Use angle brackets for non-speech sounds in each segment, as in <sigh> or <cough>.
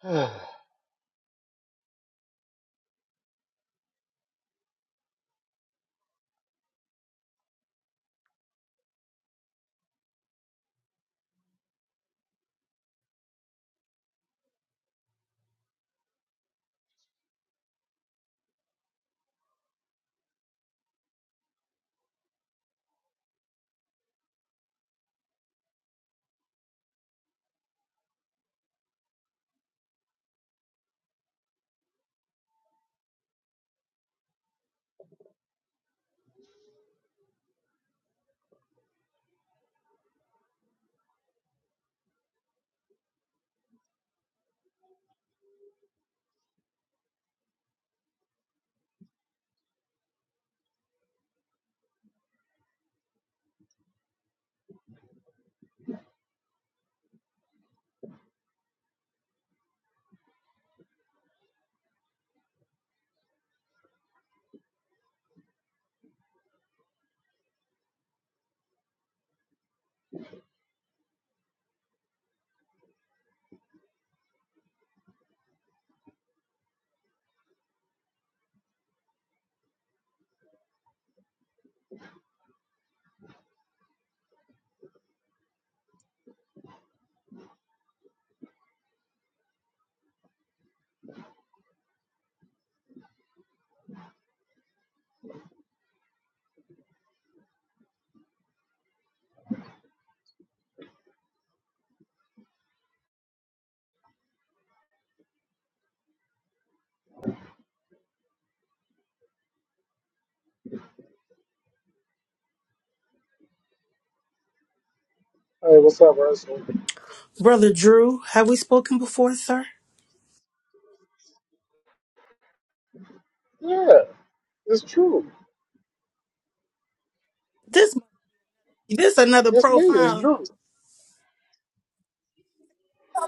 <sighs> hey, what's up, Russell? Brother Drew, have we spoken before, sir? Yeah, it's true. This this another It's me. It's profile, Drew.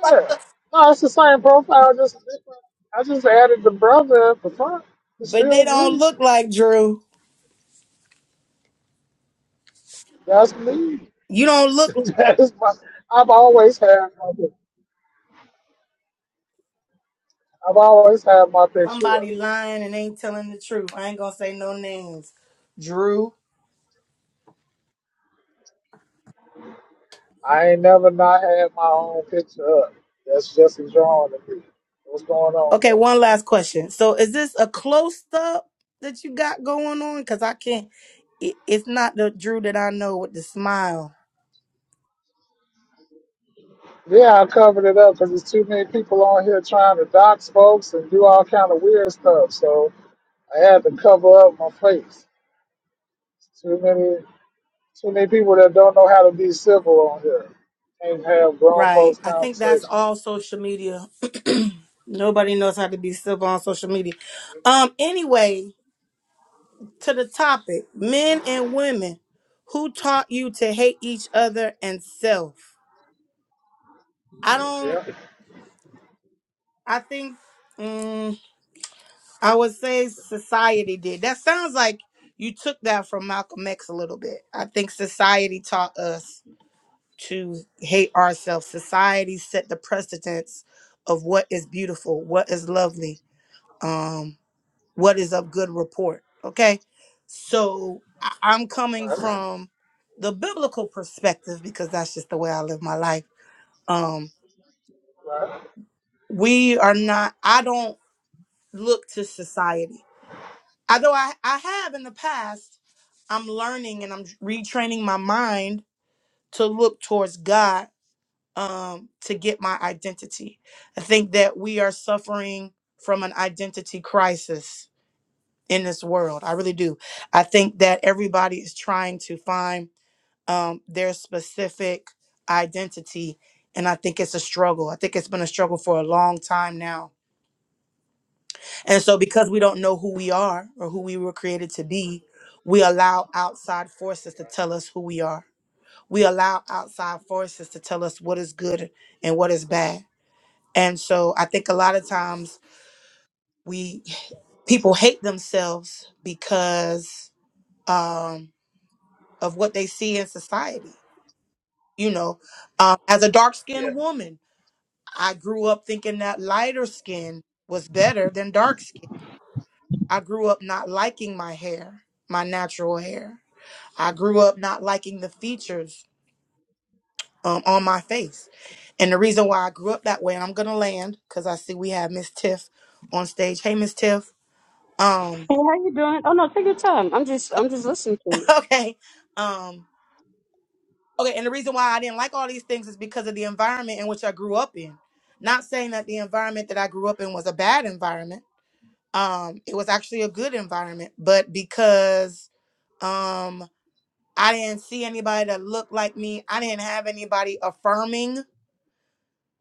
Yeah. No, it's the same profile. Just different. I just added the brother at the front. It's but still they don't Drew. look like Drew. That's me. You don't <laughs> look like that is my. I've always had my. pic- I've always had my picture up. somebody lying and ain't telling the truth. I ain't gonna say no names. Drew. I ain't never not had my own picture up. That's just a drawing of me. What's going on Okay, there? one last question. So is this a close up that you got going on? Cause I can't it, it's not the Drew that I know with the smile. Yeah, I covered it up because there's too many people on here trying to dox folks and do all kind of weird stuff. So I had to cover up my face. Too many, too many people that don't know how to be civil on here. Can't have grown Right. folks I think that's conversation. all social media. <clears throat> Nobody knows how to be civil on social media. Um anyway, to the topic men and women who taught you to hate each other and self i don't Yeah, i think mm, i would say society did that sounds like you took that from malcolm x a little bit i think society taught us to hate ourselves society set the precedence of what is beautiful what is lovely Um, what is of good report. Okay. So I- I'm coming right, from the biblical perspective because that's just the way I live my life. Um, right. we are not, I don't look to society. Although I, I have in the past, I'm learning and I'm retraining my mind to look towards God um, to get my identity. I think that we are suffering from an identity crisis in this world. I really do. I think that everybody is trying to find um, their specific identity. And I think it's a struggle. I think it's been a struggle for a long time now. And so, because we don't know who we are or who we were created to be, we allow outside forces to tell us who we are. We allow outside forces to tell us what is good and what is bad. And so, I think a lot of times we people hate themselves because um, of what they see in society. You know, um, as a dark skinned woman, I grew up thinking that lighter skin was better than dark skin. I grew up not liking my hair, my natural hair. I grew up not liking the features um, on my face. And the reason why I grew up that way, and I'm going to land because I see we have Miss Tiff on stage. Hey, Miss Tiff. Um, Hey, how you doing? Oh no, take your time. I'm just I'm just listening to <laughs> you. okay. Um, Okay, and the reason why I didn't like all these things is because of the environment in which I grew up in. Not saying that the environment that I grew up in was a bad environment. Um, it was actually a good environment, but because um I didn't see anybody that looked like me, I didn't have anybody affirming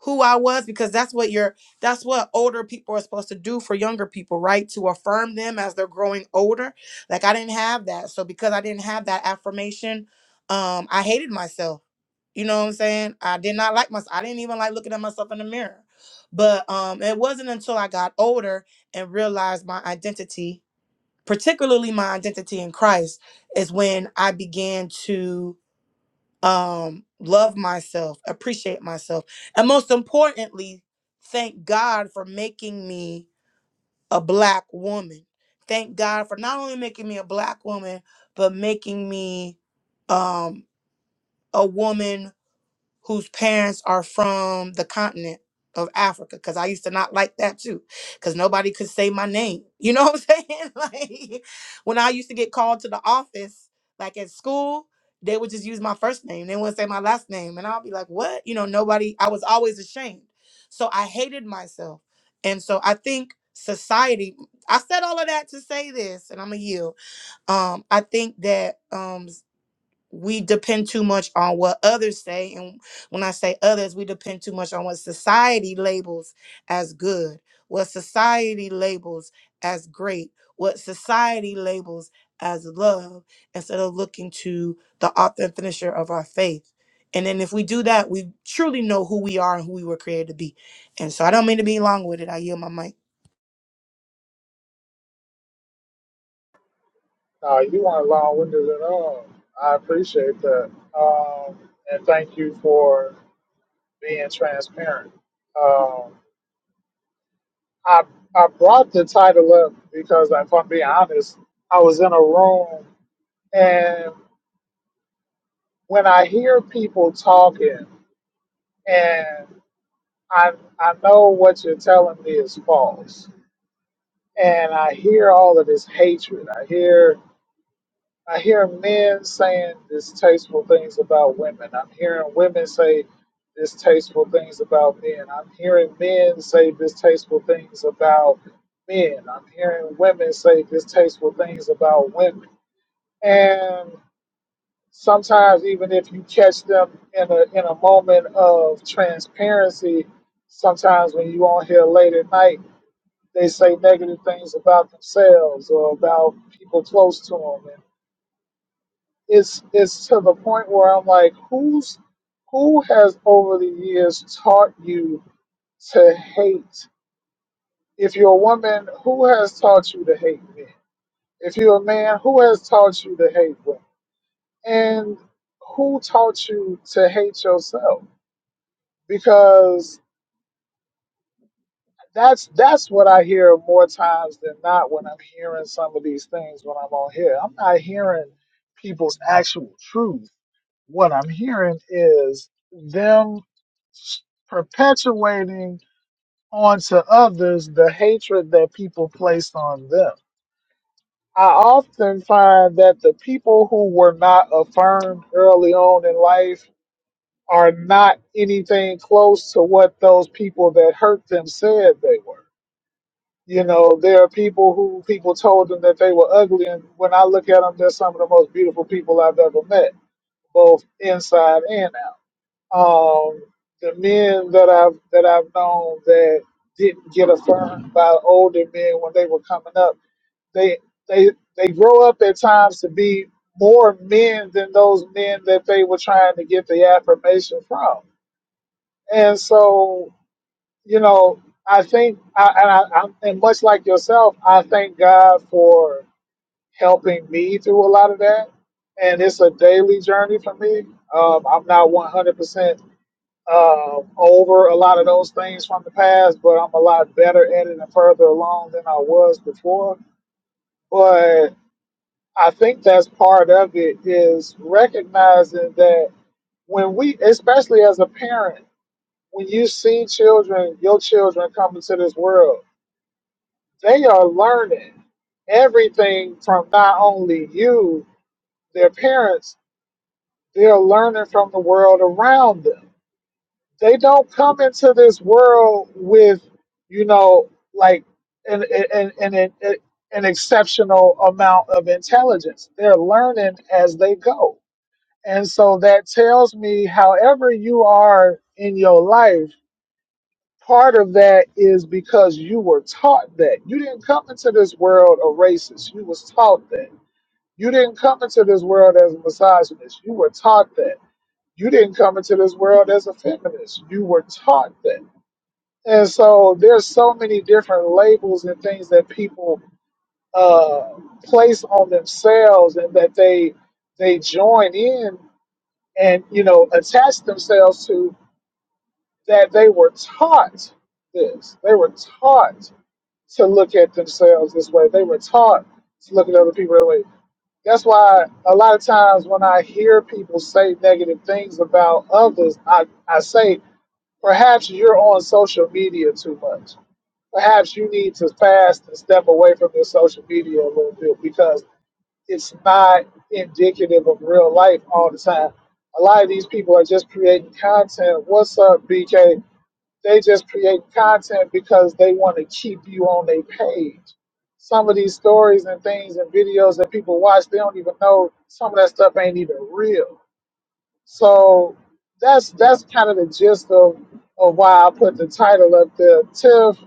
who I was because that's what your that's what older people are supposed to do for younger people, right? To affirm them as they're growing older. Like I didn't have that. So because I didn't have that affirmation, um, I hated myself you know what I'm saying? I did not like myself. I didn't even like looking at myself in the mirror. But um, it wasn't until I got older and realized my identity, particularly my identity in Christ, is when I began to um, love myself, appreciate myself, and most importantly, thank God for making me a black woman. Thank God for not only making me a black woman, but making me um, a woman whose parents are from the continent of Africa because I used to not like that too because nobody could say my name. <laughs> You know what I'm saying? <laughs> like when I used to get called to the office, like at school, they would just use my first name. They wouldn't say my last name. And I'll be like, what? You know, nobody, I was always ashamed. So I hated myself. And so I think society, I said all of that to say this, and I'm going to yield. Um, I think that um, we depend too much on what others say and when i say others we depend too much on what society labels as good what society labels as great what society labels as love instead of looking to the author and finisher of our faith and then if we do that we truly know who we are and who we were created to be and so i don't mean to be long with it. i yield my mic No, you weren't long-winded at all. I appreciate that, um, and thank you for being transparent. Um, I I brought the title up because, if I'm being honest, I was in a room, and when I hear people talking and I I know what you're telling me is false, and I hear all of this hatred. I hear I hear men saying distasteful things about women. I'm hearing women say distasteful things about men. I'm hearing men say distasteful things about men. I'm hearing women say distasteful things about women. And sometimes, even if you catch them in a in a moment of transparency, sometimes when you on here late at night they say negative things about themselves or about people close to them. And it's it's to the point where I'm like, who's who has over the years taught you to hate? If you're a woman, who has taught you to hate men? If you're a man, who has taught you to hate women? And who taught you to hate yourself? Because That's that's what I hear more times than not when I'm hearing some of these things when I'm on here. I'm not hearing people's actual truth. What I'm hearing is them s- perpetuating onto others the hatred that people placed on them. I often find that the people who were not affirmed early on in life are not anything close to what those people that hurt them said they were You know, there are people who people told them that they were ugly, and when I look at them, they're some of the most beautiful people I've ever met, both inside and out. Um, the men that I've that I've known that didn't get affirmed by older men when they were coming up, they they they grow up at times to be more men than those men that they were trying to get the affirmation from. And so you know, I think, I, and I, I'm, and much like yourself, I thank God for helping me through a lot of that. And it's a daily journey for me. Um, I'm not 100% uh, over a lot of those things from the past, but I'm a lot better at it and further along than I was before. But I think that's part of it is recognizing that when we, especially as a parent, when you see children, your children come into this world, They are learning everything from not only you, their parents, they're learning from the world around them. They don't come into this world with, you know, like an, an, an, an, an exceptional amount of intelligence. They're learning as they go. And so that tells me, however, you are in your life Part of that is because you were taught that. You didn't come into this world a racist. You was taught that. You didn't come into this world as a misogynist. You were taught that. You didn't come into this world as a feminist. You were taught that. And so there's so many different labels and things that people uh, place on themselves and that they they join in and you know attach themselves to that they were taught this. They were taught to look at themselves this way. They were taught to look at other people that way. That's why a lot of times when I hear people say negative things about others, I, I say, perhaps you're on social media too much. Perhaps you need to fast and step away from your social media a little bit because it's not indicative of real life all the time. A lot of these people are just creating content. What's up, BK? They just create content because they want to keep you on their page. Some of these stories and things and videos that people watch, they don't even know some of that stuff ain't even real. So that's that's kind of the gist of, of why I put the title up there. Tiff,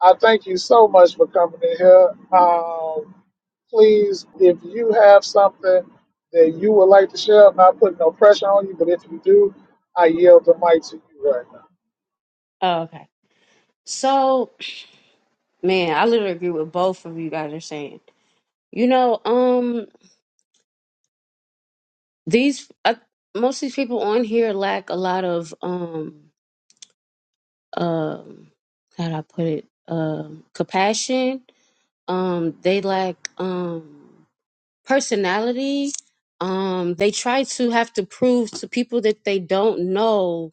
I thank you so much for coming in here. Um, please, if you have something that you would like to share, I'm not putting no pressure on you, but if you do, I yield the mic to you right now. Oh, okay. So man, I literally agree with both of you guys are saying. You know, um, these uh, most of these people on here lack a lot of um, um, how do I put it? Um, compassion. Um, they lack um personality. Um, they try to have to prove to people that they don't know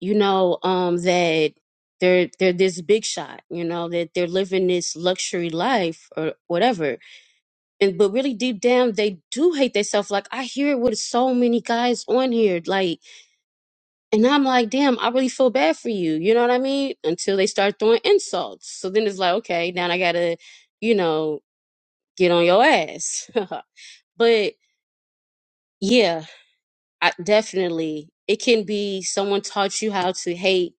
you know, um, that they're they're this big shot, you know, that they're living this luxury life or whatever. And but really deep down they do hate themselves. Like I hear it with so many guys on here, like and I'm like, damn, I really feel bad for you. You know what I mean? Until they start throwing insults. So then it's like, okay, now I gotta, you know, get on your ass. <laughs> but yeah, I, definitely. It can be someone taught you how to hate,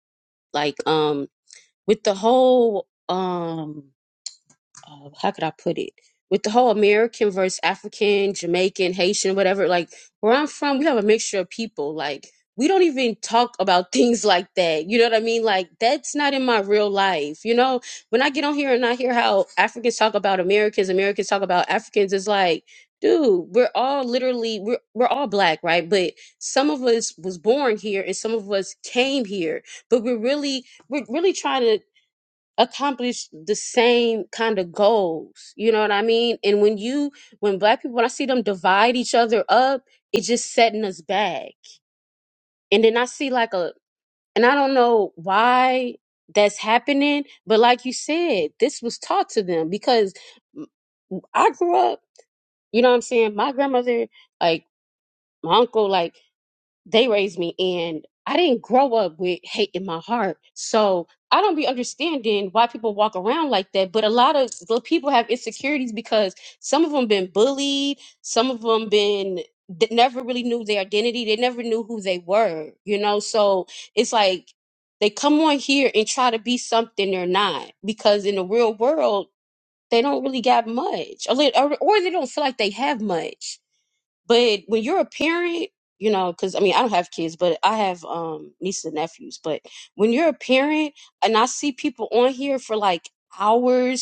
like um with the whole um uh, how could I put it? With the whole American versus African, Jamaican, Haitian, whatever, like where I'm from, we have a mixture of people. Like we don't even talk about <laughs> things like that. You know what I mean? Like that's not in my real life. You know, when I get on here and I hear how Africans talk about Americans, Americans talk about Africans, it's like, dude, we're all literally we're we're all black, right? But some of us was born here and some of us came here. But we're really we're really trying to accomplish the same kind of goals. You know what I mean? And when you, when black people, when I see them divide each other up, it's just setting us back. And then I see like a, and I don't know why that's happening, but like you said, this was taught to them because I grew up, you know what I'm saying? My grandmother, like my uncle, like they raised me and I didn't grow up with hate in my heart. So I don't be understanding why people walk around like that. But a lot of the people have insecurities because some of them been bullied, some of them been that never really knew their identity. They never knew who they were, you know? So it's like they come on here and try to be something they're not because in the real world, they don't really got much or, they- or or they don't feel like they have much but when you're a parent, you know, because I mean, I don't have kids, but I have um nieces and nephews. But when you're a parent, and I see people on here for like hours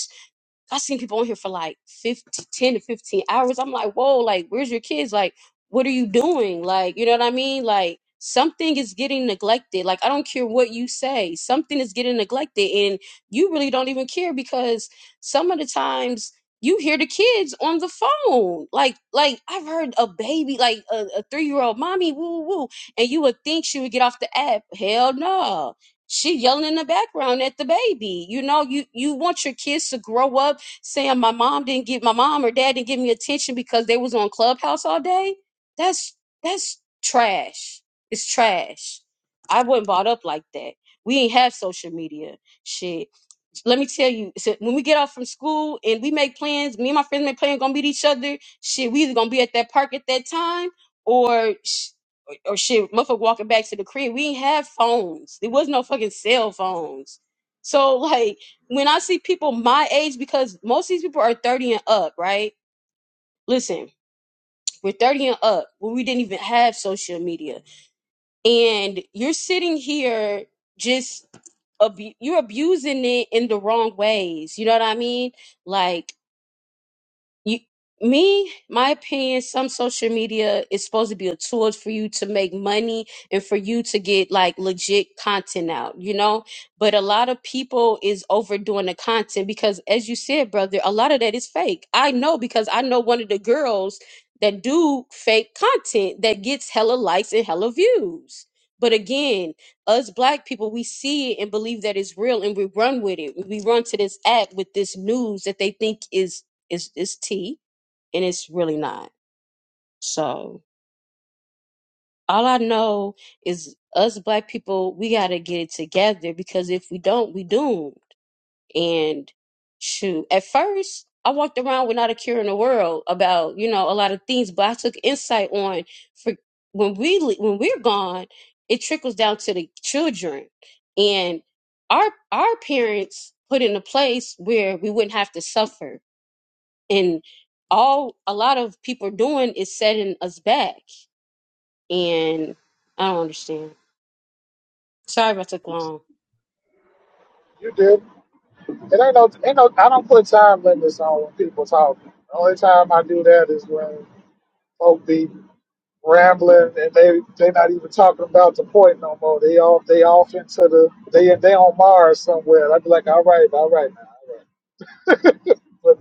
I have seen people on here for like 50, ten to 15 hours. I'm like, whoa, like, where's your kids? Like, what are you doing? Like, you know what I mean? Like, something is getting neglected. Like, I don't care what you say, something is getting neglected. And you really don't even care because some of the times you hear the kids on the phone. Like, like I've heard a baby, like a, a three year old mommy, woo, woo, woo. And you would think she would get off the app. Hell no she yelling in the background at the baby you know you you want your kids to grow up saying my mom didn't give my mom or dad didn't give me attention because they was on clubhouse all day that's that's trash it's trash i wasn't brought up like that we ain't have social media shit let me tell you so when we get off from school and we make plans me and my friends make plans gonna meet each other shit we either gonna be at that park at that time or or shit, motherfucker walking back to the crib. We didn't have phones. There was no fucking cell phones. So <laughs> like when I see people my age, because most of these people are 30 and up, right? Listen, we're 30 and up when we didn't even have social media. And you're sitting here just abu- you're abusing it in the wrong ways. You know what I mean? Like you me my opinion some social media is supposed to be a tool for you to make money and for you to get like legit content out you know but a lot of people is overdoing the content because as you said brother a lot of that is fake i know because i know one of the girls that do fake content that gets hella likes and hella views but again us black people we see it and believe that it's real and we run with it we run to this act with this news that they think is it's it's tea and it's really not. So all I know is us black people, we gotta get it together because if we don't, we doomed. And shoot, at first I walked around with not a cure in the world about, you know, a lot of things, but I took insight on for when we le- when we're gone, it trickles down to the children. And our our parents put in a place where we wouldn't have to suffer and all a lot of people are doing is setting us back and i don't understand sorry if i took long You did. It ain't no, ain't no. I don't put time limits on when people talk. The only time I do that is when folk be rambling and they they not even talking about the point no more. They off they off into the they they on Mars somewhere. I'd be like, all right, all right, now, all right. But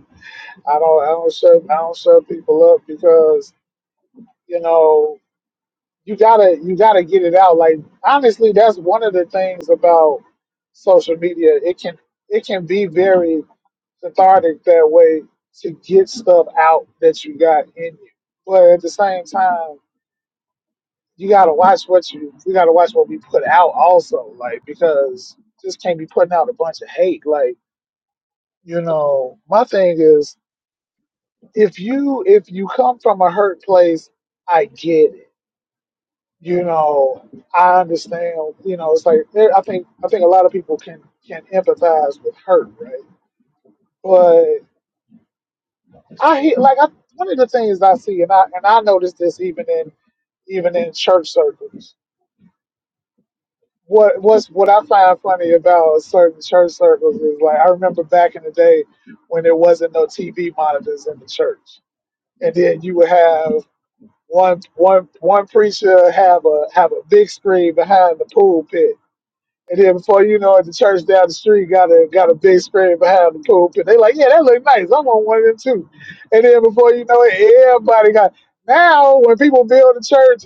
I don't I don't shut I don't shut people up because you know you gotta you gotta get it out. Like honestly, that's one of the things about social media. It can it can be very cathartic that way to get stuff out that you got in you. But at the same time, you gotta watch what you we gotta watch what we put out also, like because just can't be putting out a bunch of hate. Like, you know, my thing is if you if you come from a hurt place, I get it. You know, I understand, you know, it's like there- I think I think a lot of people can can empathize with hurt, right? but. I hear like I, one of the things I see, and I and I notice this even in even in church circles. What what's what I find funny about certain church circles is like I remember back in the day when there wasn't no TV monitors in the church, and then you would have one one one preacher have a have a big screen behind the pulpit, and then before you know it, the church down the street got a got a big spread behind the pulpit. They like, yeah, that look nice. I want one of them too. And then before you know it, everybody got. Now when people build a church,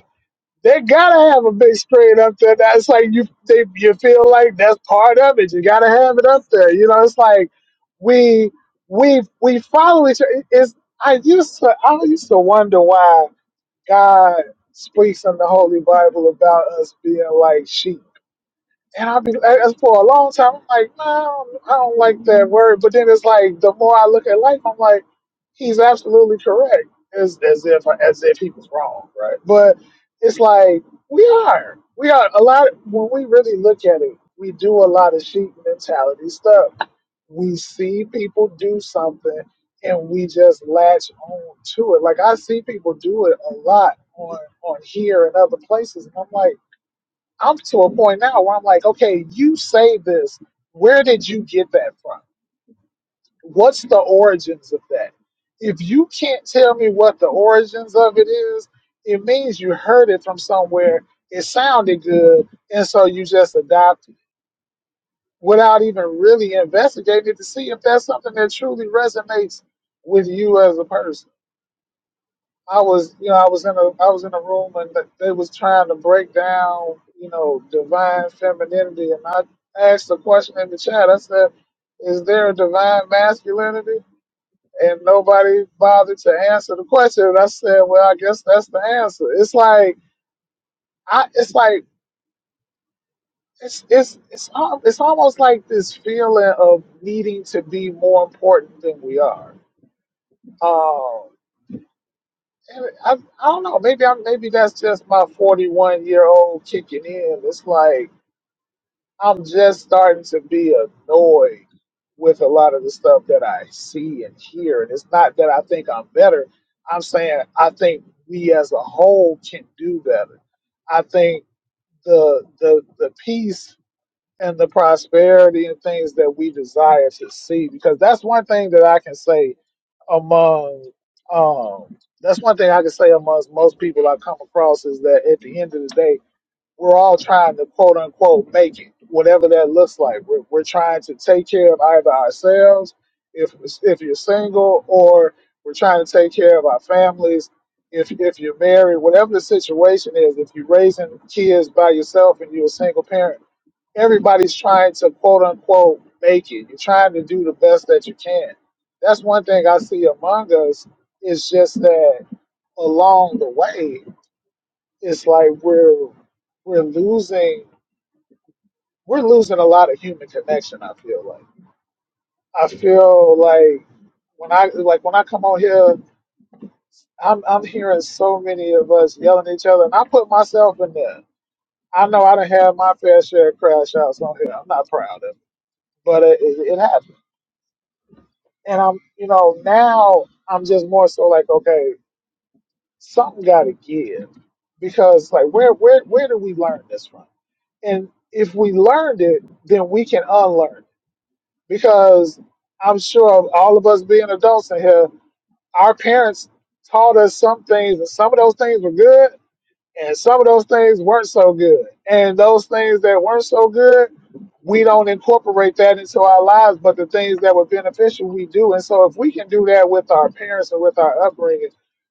they gotta have a big spread up there. That's like you they you feel like that's part of it. You gotta have it up there. You know, it's like we we we follow each other. It's I used to I used to wonder why God speaks in the Holy Bible about us being like sheep and I've been as for a long time. I'm like, nah, I don't, I don't like that word. But then it's like the more I look at life, I'm like, he's absolutely correct. As as if as if he was wrong, right? But it's like we are, we are a lot. When we really look at it, we do a lot of sheep mentality stuff. We see people do something, and we just latch on to it. Like I see people do it a lot on on here and other places, and I'm like I'm to a point now where I'm like, okay, you say this. Where did you get that from? What's the origins of that? If you can't tell me what the origins of it is, it means you heard it from somewhere. It sounded good, and so you just adopted it without even really investigating to see if that's something that truly resonates with you as a person. I was, you know, I was in a, I was in a room and th- they was trying to break down, you know, divine femininity, and I asked a question in the chat. I said, "Is there a divine masculinity?" And nobody bothered to answer the question. And I said, "Well, I guess that's the answer." It's like, I, it's like, it's, it's, it's, al- it's almost like this feeling of needing to be more important than we are. Um, I, I don't know. Maybe I'm. Maybe that's just my 41 year old kicking in. It's like I'm just starting to be annoyed with a lot of the stuff that I see and hear. And it's not that I think I'm better. I'm saying I think we as a whole can do better. I think the the the piece and the prosperity and things that we desire to see because that's one thing that i can say among um that's one thing i can say amongst most people i come across is that at the end of the day we're all trying to quote unquote make it whatever that looks like we're, we're trying to take care of either ourselves if if you're single or we're trying to take care of our families if if you're married whatever the situation is if you're raising kids by yourself and you're a single parent everybody's trying to quote unquote make it. You're trying to do the best that you can. That's one thing I see among us. It's just that along the way, it's like we're we're losing we're losing a lot of human connection. I feel like I feel like when I like when I come on here, I'm I'm hearing so many of us yelling at each other, and I put myself in there. I know I done had my fair share of crash outs on here. I'm not proud of, it, but it, it, it happens and I'm, you know, now I'm just more so like, okay, something got to give because like, where, where, where do we learn this from? And if we learned it, then we can unlearn it because I'm sure all of us being adults in here, our parents taught us some things, and some of those things were good, and some of those things weren't so good. And those things that weren't so good, we don't incorporate that into our lives. But the things that were beneficial, we do. And so if we can do that with our parents and with our upbringing,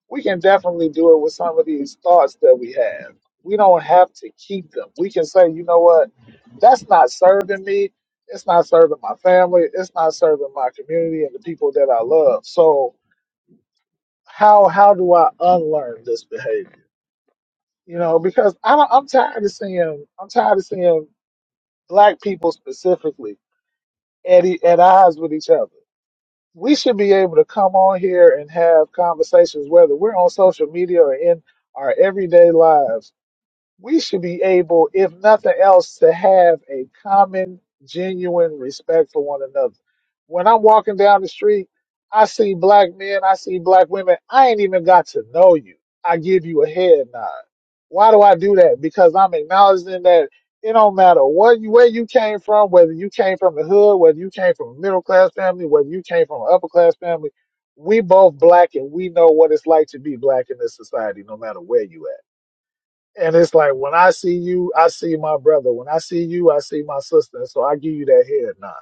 we can definitely do it with some of these thoughts that we have. We don't have to keep them. We can say, you know what? That's not serving me. It's not serving my family. It's not serving my community and the people that I love. So how how do I unlearn this behavior? you know, because I'm I'm tired of seeing I'm tired of seeing black people specifically at e- at odds with each other. We should be able to come on here and have conversations, whether we're on social media or in our everyday lives we should be able, if nothing else, to have a common, genuine respect for one another. When I'm walking down the street, I see black men, I see black women. I ain't even got to know you. I give you a head nod. Why do I do that? Because I'm acknowledging that it don't matter what you, where you came from, whether you came from the hood, whether you came from a middle class family, whether you came from an upper class family, we both black and we know what it's like to be black in this society, no matter where you at. And it's like when I see you, I see my brother. When I see you, I see my sister. And so I give you that head nod.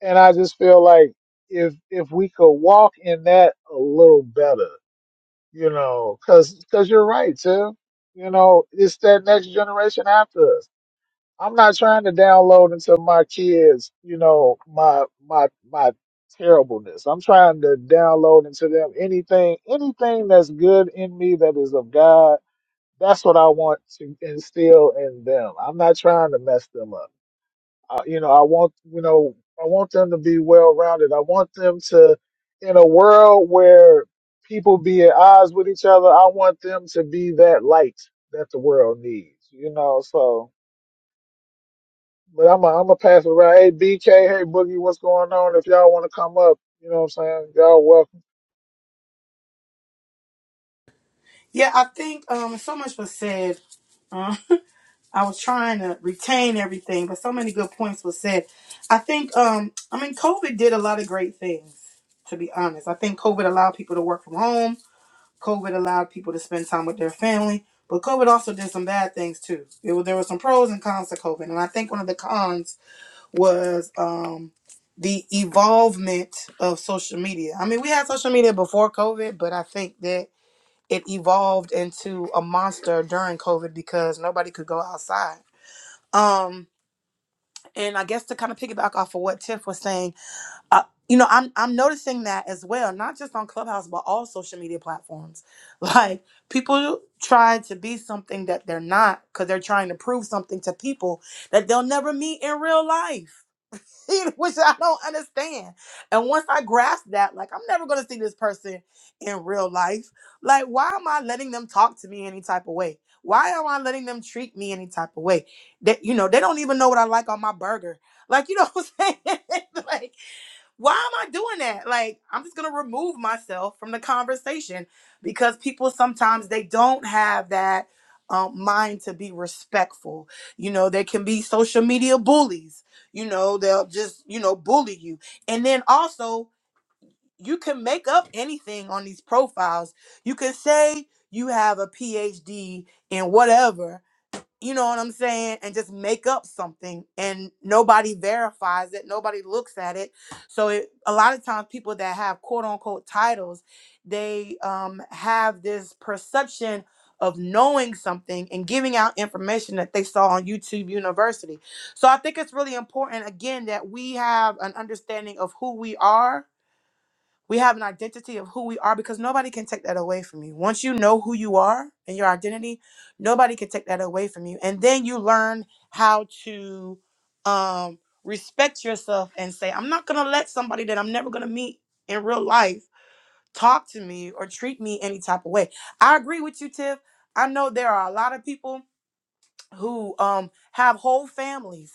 And I just feel like if if we could walk in that a little better, you know, because cause you're right, Tim. You know, it's that next generation after us. I'm not trying to download into my kids, you know, my my my terribleness. I'm trying to download into them anything, anything that's good in me that is of God that's what I want to instill in them. I'm not trying to mess them up. I, you know, I want you know, I want them to be well rounded. I want them to, in a world where people be at odds with each other, I want them to be that light that the world needs. You know, so. But I'm a, I'm a pass it around. Hey BK, hey Boogie, what's going on? If y'all want to come up, you know what I'm saying. Y'all welcome. yeah i think um so much was said <laughs> I was trying to retain everything, but so many good points were said. I think um I mean COVID did a lot of great things, to be honest. I think COVID allowed people to work from home. COVID allowed people to spend time with their family, but COVID also did some bad things too. It was, there were some pros and cons to COVID, and I think one of the cons was um the evolvement of social media. I mean, we had social media before COVID, but I think that it evolved into a monster during COVID because nobody could go outside um, and I guess to kind of piggyback off of what Tiff was saying, uh, you know, I'm I'm noticing that as well, not just on Clubhouse, but all social media platforms. <laughs> Like people try to be something that they're not because they're trying to prove something to people that they'll never meet in real life. <laughs> which I don't understand. And once I grasped that, like, I'm never going to see this person in real life. Like, why am I letting them talk to me any type of way? Why am I letting them treat me any type of way? That, you know, they don't even know what I like on my burger. Like, you know <laughs> what I'm saying? <laughs> like, why am I doing that? Like, I'm just gonna remove myself from the conversation because people sometimes they don't have that um, mind to be respectful. You know, they can be social media bullies. You know, they'll just you know bully you, and then also you can make up anything on these profiles. You can say you have a PhD in whatever, you know what I'm saying, and just make up something and nobody verifies it, nobody looks at it. So it, a lot of times people that have quote unquote titles, they um, have this perception of knowing something and giving out information that they saw on YouTube University. So I think it's really important again that we have an understanding of who we are we have an identity of who we are because nobody can take that away from you. Once you know who you are and your identity, nobody can take that away from you. And then you learn how to um, respect yourself and say, I'm not going to let somebody that I'm never going to meet in real life talk to me or treat me any type of way. I agree with you, Tiff. I know there are a lot of people who um, have whole families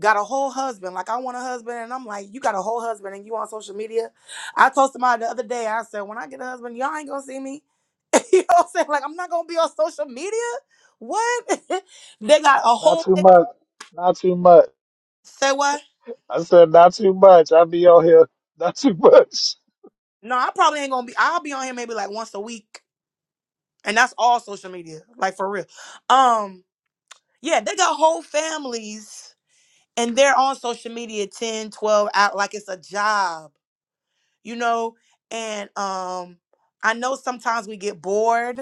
got a whole husband. Like I want a husband, and I'm like, you got a whole husband, and you on social media. I told somebody the other day. I said, when I get a husband, y'all ain't gonna see me. <laughs> you know what I'm saying? Like I'm not gonna be on social media. What? <laughs> they got a Not whole. too They got much. Not too much. a- Say what? I said not too much. I be on here. <laughs> Not too much. no, I probably ain't gonna be. I'll be on here maybe like once a week, and that's all social media, like for real. Um, yeah, they got whole families, and they're on social media 10, 12 out like it's a job. you know and um i know sometimes we get bored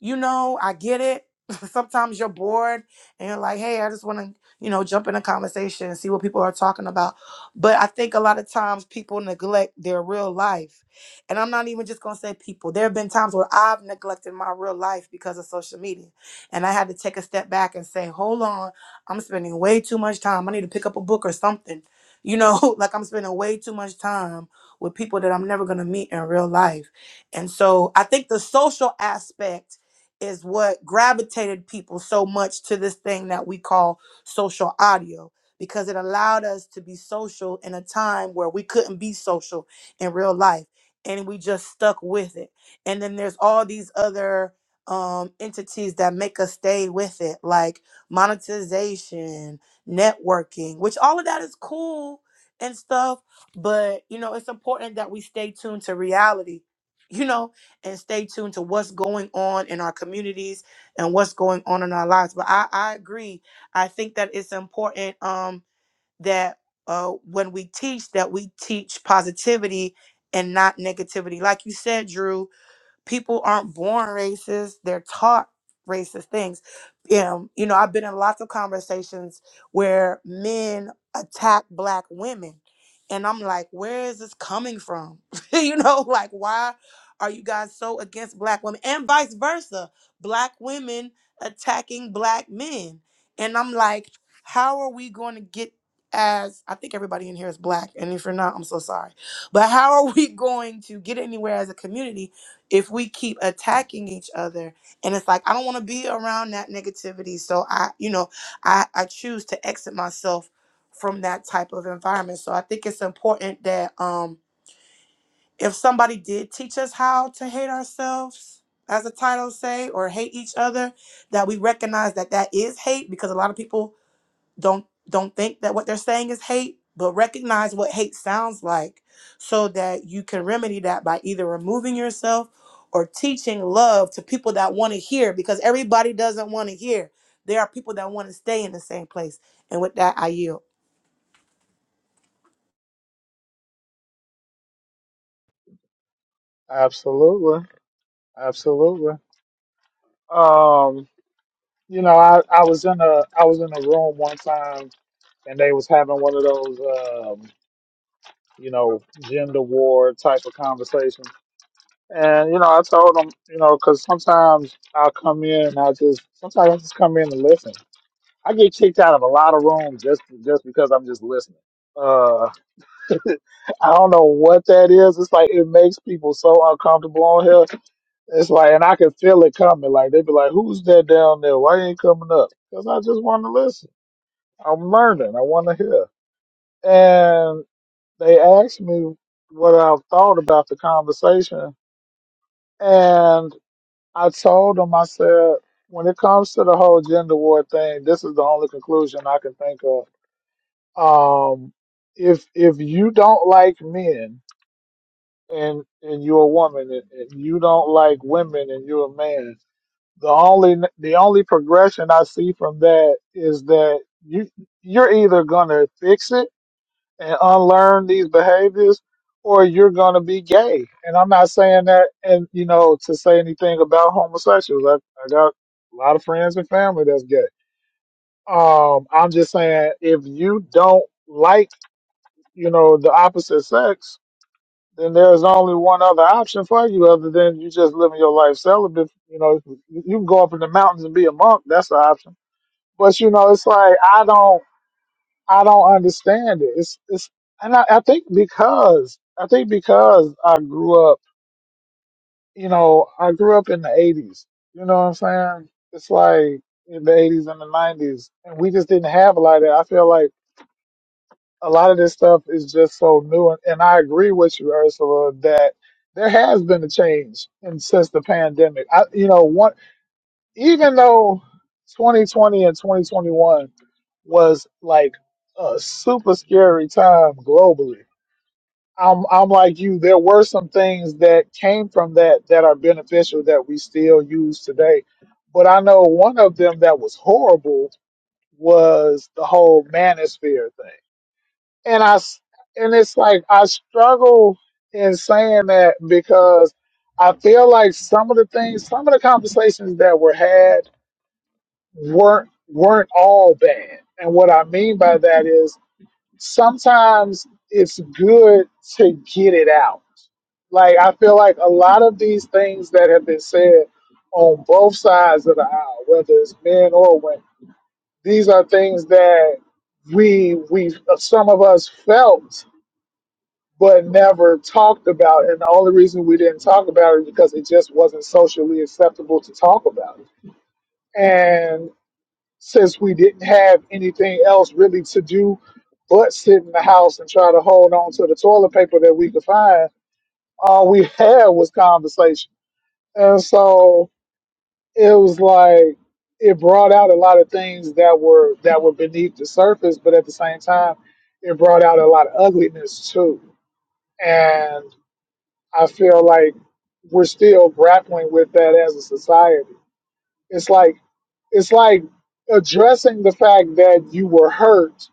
you know, I get it. <laughs> Sometimes you're bored and you're like, hey, I just want to, you know, jump in a conversation and see what people are talking about. But I think a lot of times people neglect their real life. And I'm not even just going to say people. There have been times where I've neglected my real life because of social media. And I had to take a step back and say, hold on, I'm spending way too much time. I need to pick up a book or something. You know, <laughs> like I'm spending way too much time with people that I'm never going to meet in real life. And so I think the social aspect is what gravitated people so much to this thing that we call social audio because it allowed us to be social in a time where we couldn't be social in real life and we just stuck with it and then there's all these other um, entities that make us stay with it like monetization networking which all of that is cool and stuff but you know it's important that we stay tuned to reality you know and stay tuned to what's going on in our communities and what's going on in our lives. But I, I agree. I think that it's important um, that uh, when we teach, that we teach positivity and not negativity. Like you said, Drew, People aren't born racist, they're taught racist things. Um, you know, I've been in lots of conversations where men attack black women. And I'm like, where is this coming from? <laughs> you know, like, why are you guys so against black women? And vice versa, black women attacking black men. And I'm like, how are we going to get as I think everybody in here is black, and if you're not, I'm so sorry. But how are we <laughs> going to get anywhere as a community if we keep attacking each other and it's like i don't want to be around that negativity so i you know i i choose to exit myself from that type of environment so i think it's important that um if somebody did teach us how to hate ourselves as the title say or hate each other that we recognize that that is hate because a lot of people don't don't think that what they're saying is hate but recognize what hate sounds like so that you can remedy that by either removing yourself or teaching love to people that want to hear because everybody doesn't want to hear there are people that want to stay in the same place and with that i yield Absolutely, absolutely. Um, you know, I, I was in a I was in a room one time, and they was having one of those um, you know gender war type of conversations. And you know, I told them, you know, because sometimes I'll come in and I just sometimes I just come in and listen. I get kicked out of a lot of rooms just just because I'm just listening. Uh, <laughs> I don't know what that is. It's like it makes people so uncomfortable on here. It's like, and I could feel it coming. Like they'd be like, "Who's that down there? Why you ain't coming up?" Because I just want to listen. I'm learning. I want to hear. And they asked me what I thought about the conversation, and I told them, I said, when it comes to the whole gender war thing, this is the only conclusion I can think of. Um, if if you don't like men and and you're a woman, and, and you don't like women and you're a man The only the only progression I see from that is that you you're either gonna fix it and unlearn these behaviors, or you're gonna be gay. And I'm not saying that, and you know, to say anything about homosexuals. I, I got a lot of friends and family that's gay. Um, I'm just saying if you don't like you know the opposite sex, then there's only one other option for you other than you just living your life celibate. You know, you can go up in the mountains and be a monk. That's the option. But you know, it's like I don't, I don't understand it. It's, it's, and I, I think because I think because I grew up, you know, I grew up in the '80s. You know what I'm saying? It's like in the '80s and the '90s, and we just didn't have a lot of that. I feel like a lot of this stuff is just so new. And, and I agree with you, Ursula, that there has been a change in, since the pandemic. I, you know, one even though 2020 and 2021 was like a super scary time globally. I'm, I'm like you. There were some things that came from that that are beneficial that we still use today. But I know one of them that was horrible was the whole manosphere thing and I s- and it's like I struggle in saying that because I feel like some of the things, some of the conversations that were had weren't weren't all bad. And what I mean by that is sometimes it's good to get it out. Like I feel like a lot of these things that have been said on both sides of the aisle, whether it's men or women, these are things that we we some of us felt but never talked about. And the only reason we didn't talk about it because it just wasn't socially acceptable to talk about. It. And since we didn't have anything else really to do but sit in the house and try to hold on to the toilet paper that we could find, all we <laughs> had was conversation. And so it was like it brought out a lot of things that were that were beneath the surface, but at the same time, it brought out a lot of ugliness too. And I feel like we're still grappling with that as a society. It's like it's like addressing the fact that you were hurt,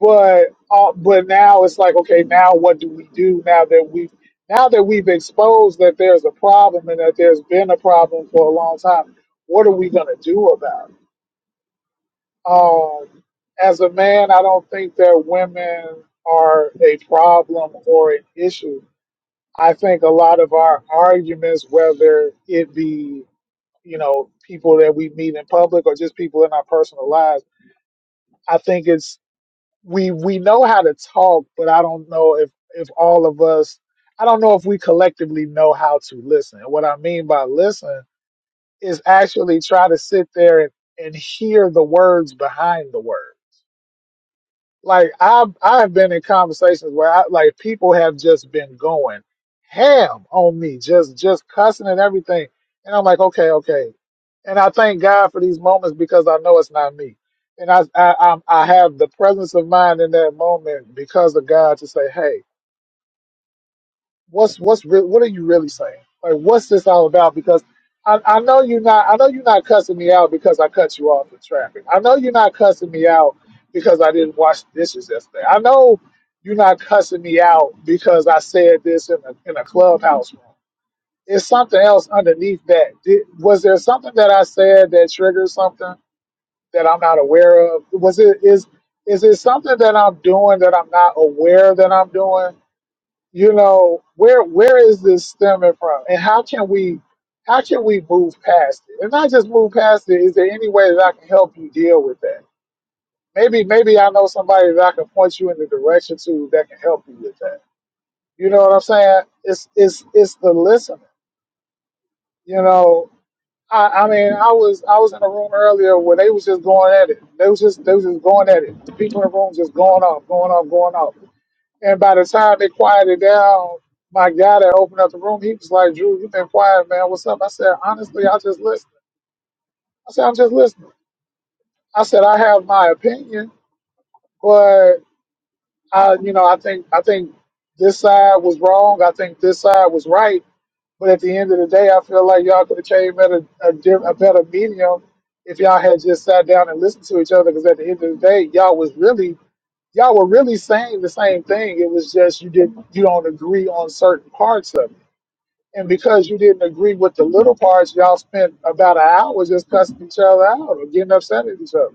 but uh, but now it's like okay, now what do we do now that we have now that we've exposed that there's a problem and that there's been a problem for a long time? What are we gonna do about it? Um, as a man, I don't think that women are a problem or an issue I think a lot of our arguments, whether it be, you know, people that we meet in public or just people in our personal lives, I think it's we we know how to talk, but I don't know if if all of us I don't know if we collectively know how to listen. And what I mean by listen is actually try to sit there and, and hear the words behind the words like I've I've been in conversations where I, like people have just been going ham on me, just just cussing and everything, and I'm like, okay, okay, and I thank God for these moments because I know it's not me, and I I I'm, I have the presence of mind in that moment because of God to say, hey what's what's re- what are you really saying? Like, what's this all about? Because I, I know you're not. I know you're not cussing me out because I cut you off in traffic. I know you're not cussing me out because I didn't wash the dishes yesterday. I know you're not cussing me out because I said this in a in a clubhouse room. It's something else underneath that. Did, was there something that I said that triggered something that I'm not aware of? Was it is is it something that I'm doing that I'm not aware that I'm doing? you know where where is this stemming from and how can we how can we move past it and not just move past it is there any way that i can help you deal with that maybe maybe i know somebody that i can point you in the direction to that can help you with that you know what i'm saying it's it's it's the listening you know i i mean i was i was in a room earlier where they was just going at it they was just they was just going at it the people in the room just going off going off going off And by the time it quieted down, my guy that opened up the room, he was like, Drew, you've been quiet, man. What's up? I said, honestly, I just listen. I said, I'm just listening. I said, I have my opinion, but I, you know, I think, I think this side was wrong. I think this side was right. But at the end of the day, I feel like y'all could have came at a, a, diff- a better medium if y'all had just sat down and listened to each other. Because at the end of the day, y'all was really, y'all were really saying the same thing. It was just you didn't, you don't agree on certain parts of it And because you didn't agree with the little parts, y'all spent about an hour just cussing each other out or getting upset at each other.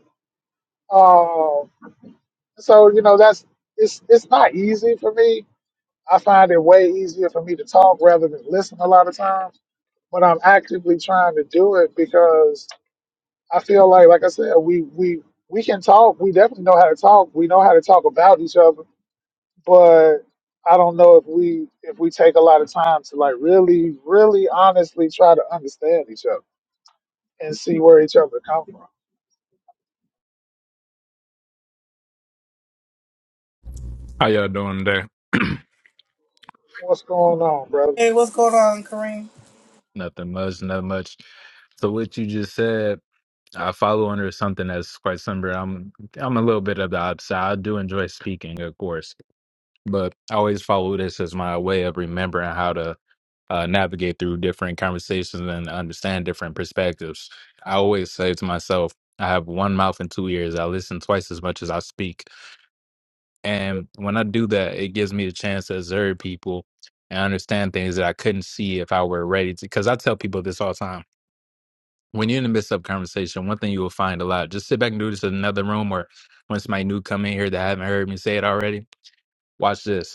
Um, so you know that's it's it's not easy for me. I find it way easier for me to talk rather than listen a lot of times. But I'm actively trying to do it because I feel like, like I said, we we we can talk. We definitely know how to talk. We know how to talk about each other. But I don't know if we if we take a lot of time to like really, really honestly try to understand each other and see where each other come from. How y'all doing today? <clears throat> What's going on, brother? Hey, what's going on, Kareem? Nothing much, not much. So what you just said, I follow under something that's quite similar. I'm I'm a little bit of the opposite. I do enjoy speaking, of course, but I always follow this as my way of remembering how to uh, navigate through different conversations and understand different perspectives. I always say to myself, I have one mouth and two ears. I listen twice as much as I speak. And when I do that, it gives me a chance to observe people and understand things that I couldn't see if I were ready to. Because I tell people this all the time. When you're in the midst of conversation, one thing you will find a lot, just sit back and do this in another room or when somebody new come in here that haven't heard me say it already, watch this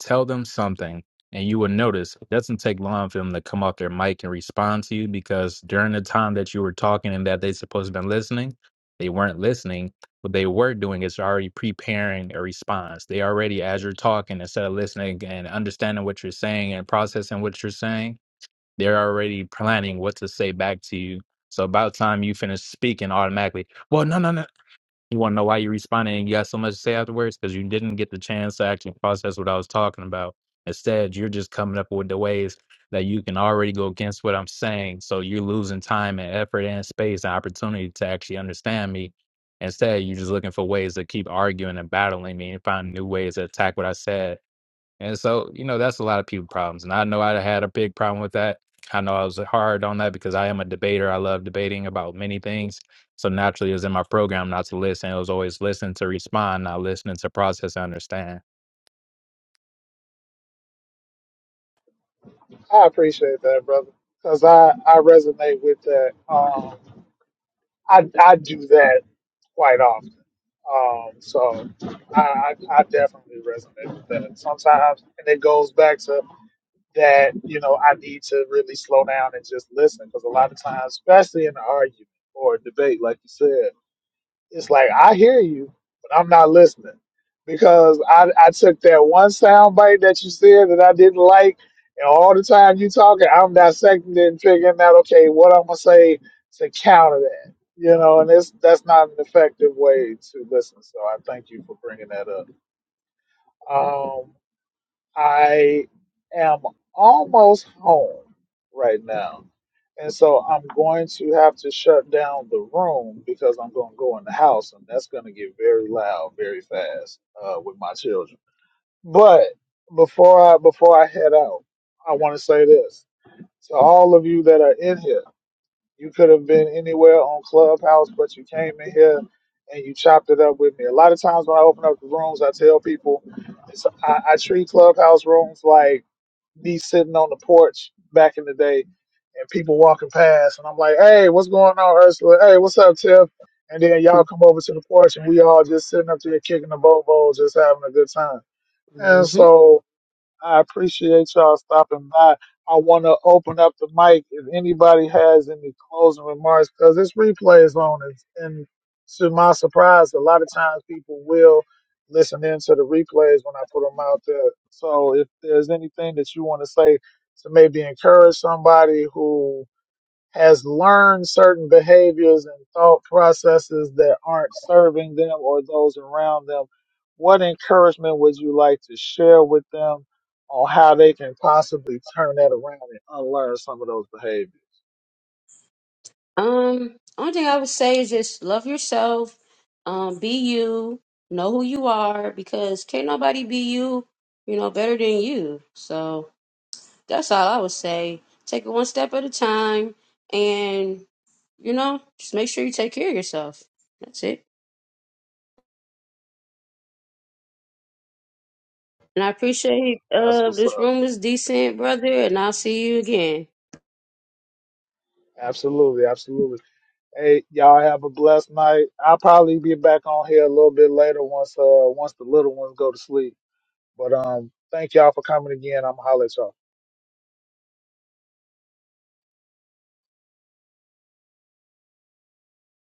Tell them something, and you will notice it doesn't take long for them to come off their mic and respond to you because during the time that you were talking and that they supposed to been listening, they weren't listening. What they were doing is already preparing a response. They already, as you're talking, instead of listening and understanding what you're saying and processing what you're saying, they're already planning what to say back to you. So about time you finish speaking automatically. Well, no, no, no. You want to know why you responded and you got so much to say afterwards? Because you didn't get the chance to actually process what I was talking about. Instead, you're just coming up with the ways that you can already go against what I'm saying. So you're losing time and effort and space and opportunity to actually understand me. Instead, you're just looking for ways to keep arguing and battling me and find new ways to attack what I said and so, you know, that's a lot of people problems. And I know I had a big problem with that. I know I was hard on that because I am a debater. I love debating about many things. So naturally, it was in my program not to listen. It was always listen to respond, not listening to process and understand. I appreciate that, brother, because I, I resonate with that. Um, I, I do that quite often. Um, so I, I, I definitely resonate with that sometimes. And it goes back to that, you know, I need to really slow down and just listen because a lot of times, especially in an argument or a debate, like you said, it's like I hear you, but I'm not listening because I, I took that one sound bite that you said that I didn't like, and all the time you talking, I'm dissecting it and figuring out okay what I'm gonna say to counter that, you know, and it's that's not an effective way to listen. So I thank you for bringing that up. Um, I am almost home right now. And so I'm going to have to shut down the room because I'm going to go in the house and that's going to get very loud very fast uh, with my children. But before I before I head out, I want to say this to all of you that are in here. You could have been anywhere on Clubhouse, but you came in here and you chopped it up with me. A lot of times when I open up the rooms, I tell people it's, I, I treat Clubhouse rooms like me sitting on the porch back in the day and people walking past and I'm like, Hey, what's going on, Ursula? Hey, what's up, Tiff? And then y'all come over to the porch and we all just sitting up there kicking the bobos, just having a good time. And hmm so I appreciate y'all stopping by. I want to open up the mic if anybody has any closing remarks because this replay is on. It's, and to my surprise, a lot of times people will listen in to the replays when I put them out there. So if there's anything that you want to say to maybe encourage somebody who has learned certain behaviors and thought processes that aren't serving them or those around them, what encouragement would you like to share with them on how they can possibly turn that around and unlearn some of those behaviors? um only thing i would say is just love yourself um be you know who you are because can't nobody be you you know better than you so that's all i would say take it one step at a time and you know just make sure you take care of yourself that's it And I appreciate That's uh what's this up. room is decent, brother, and I'll see you again. Absolutely, absolutely. Hey, y'all have a blessed night. I'll probably be back on here a little bit later once uh once the little ones go to sleep. But um thank y'all for coming again. I'm gonna holler at y'all.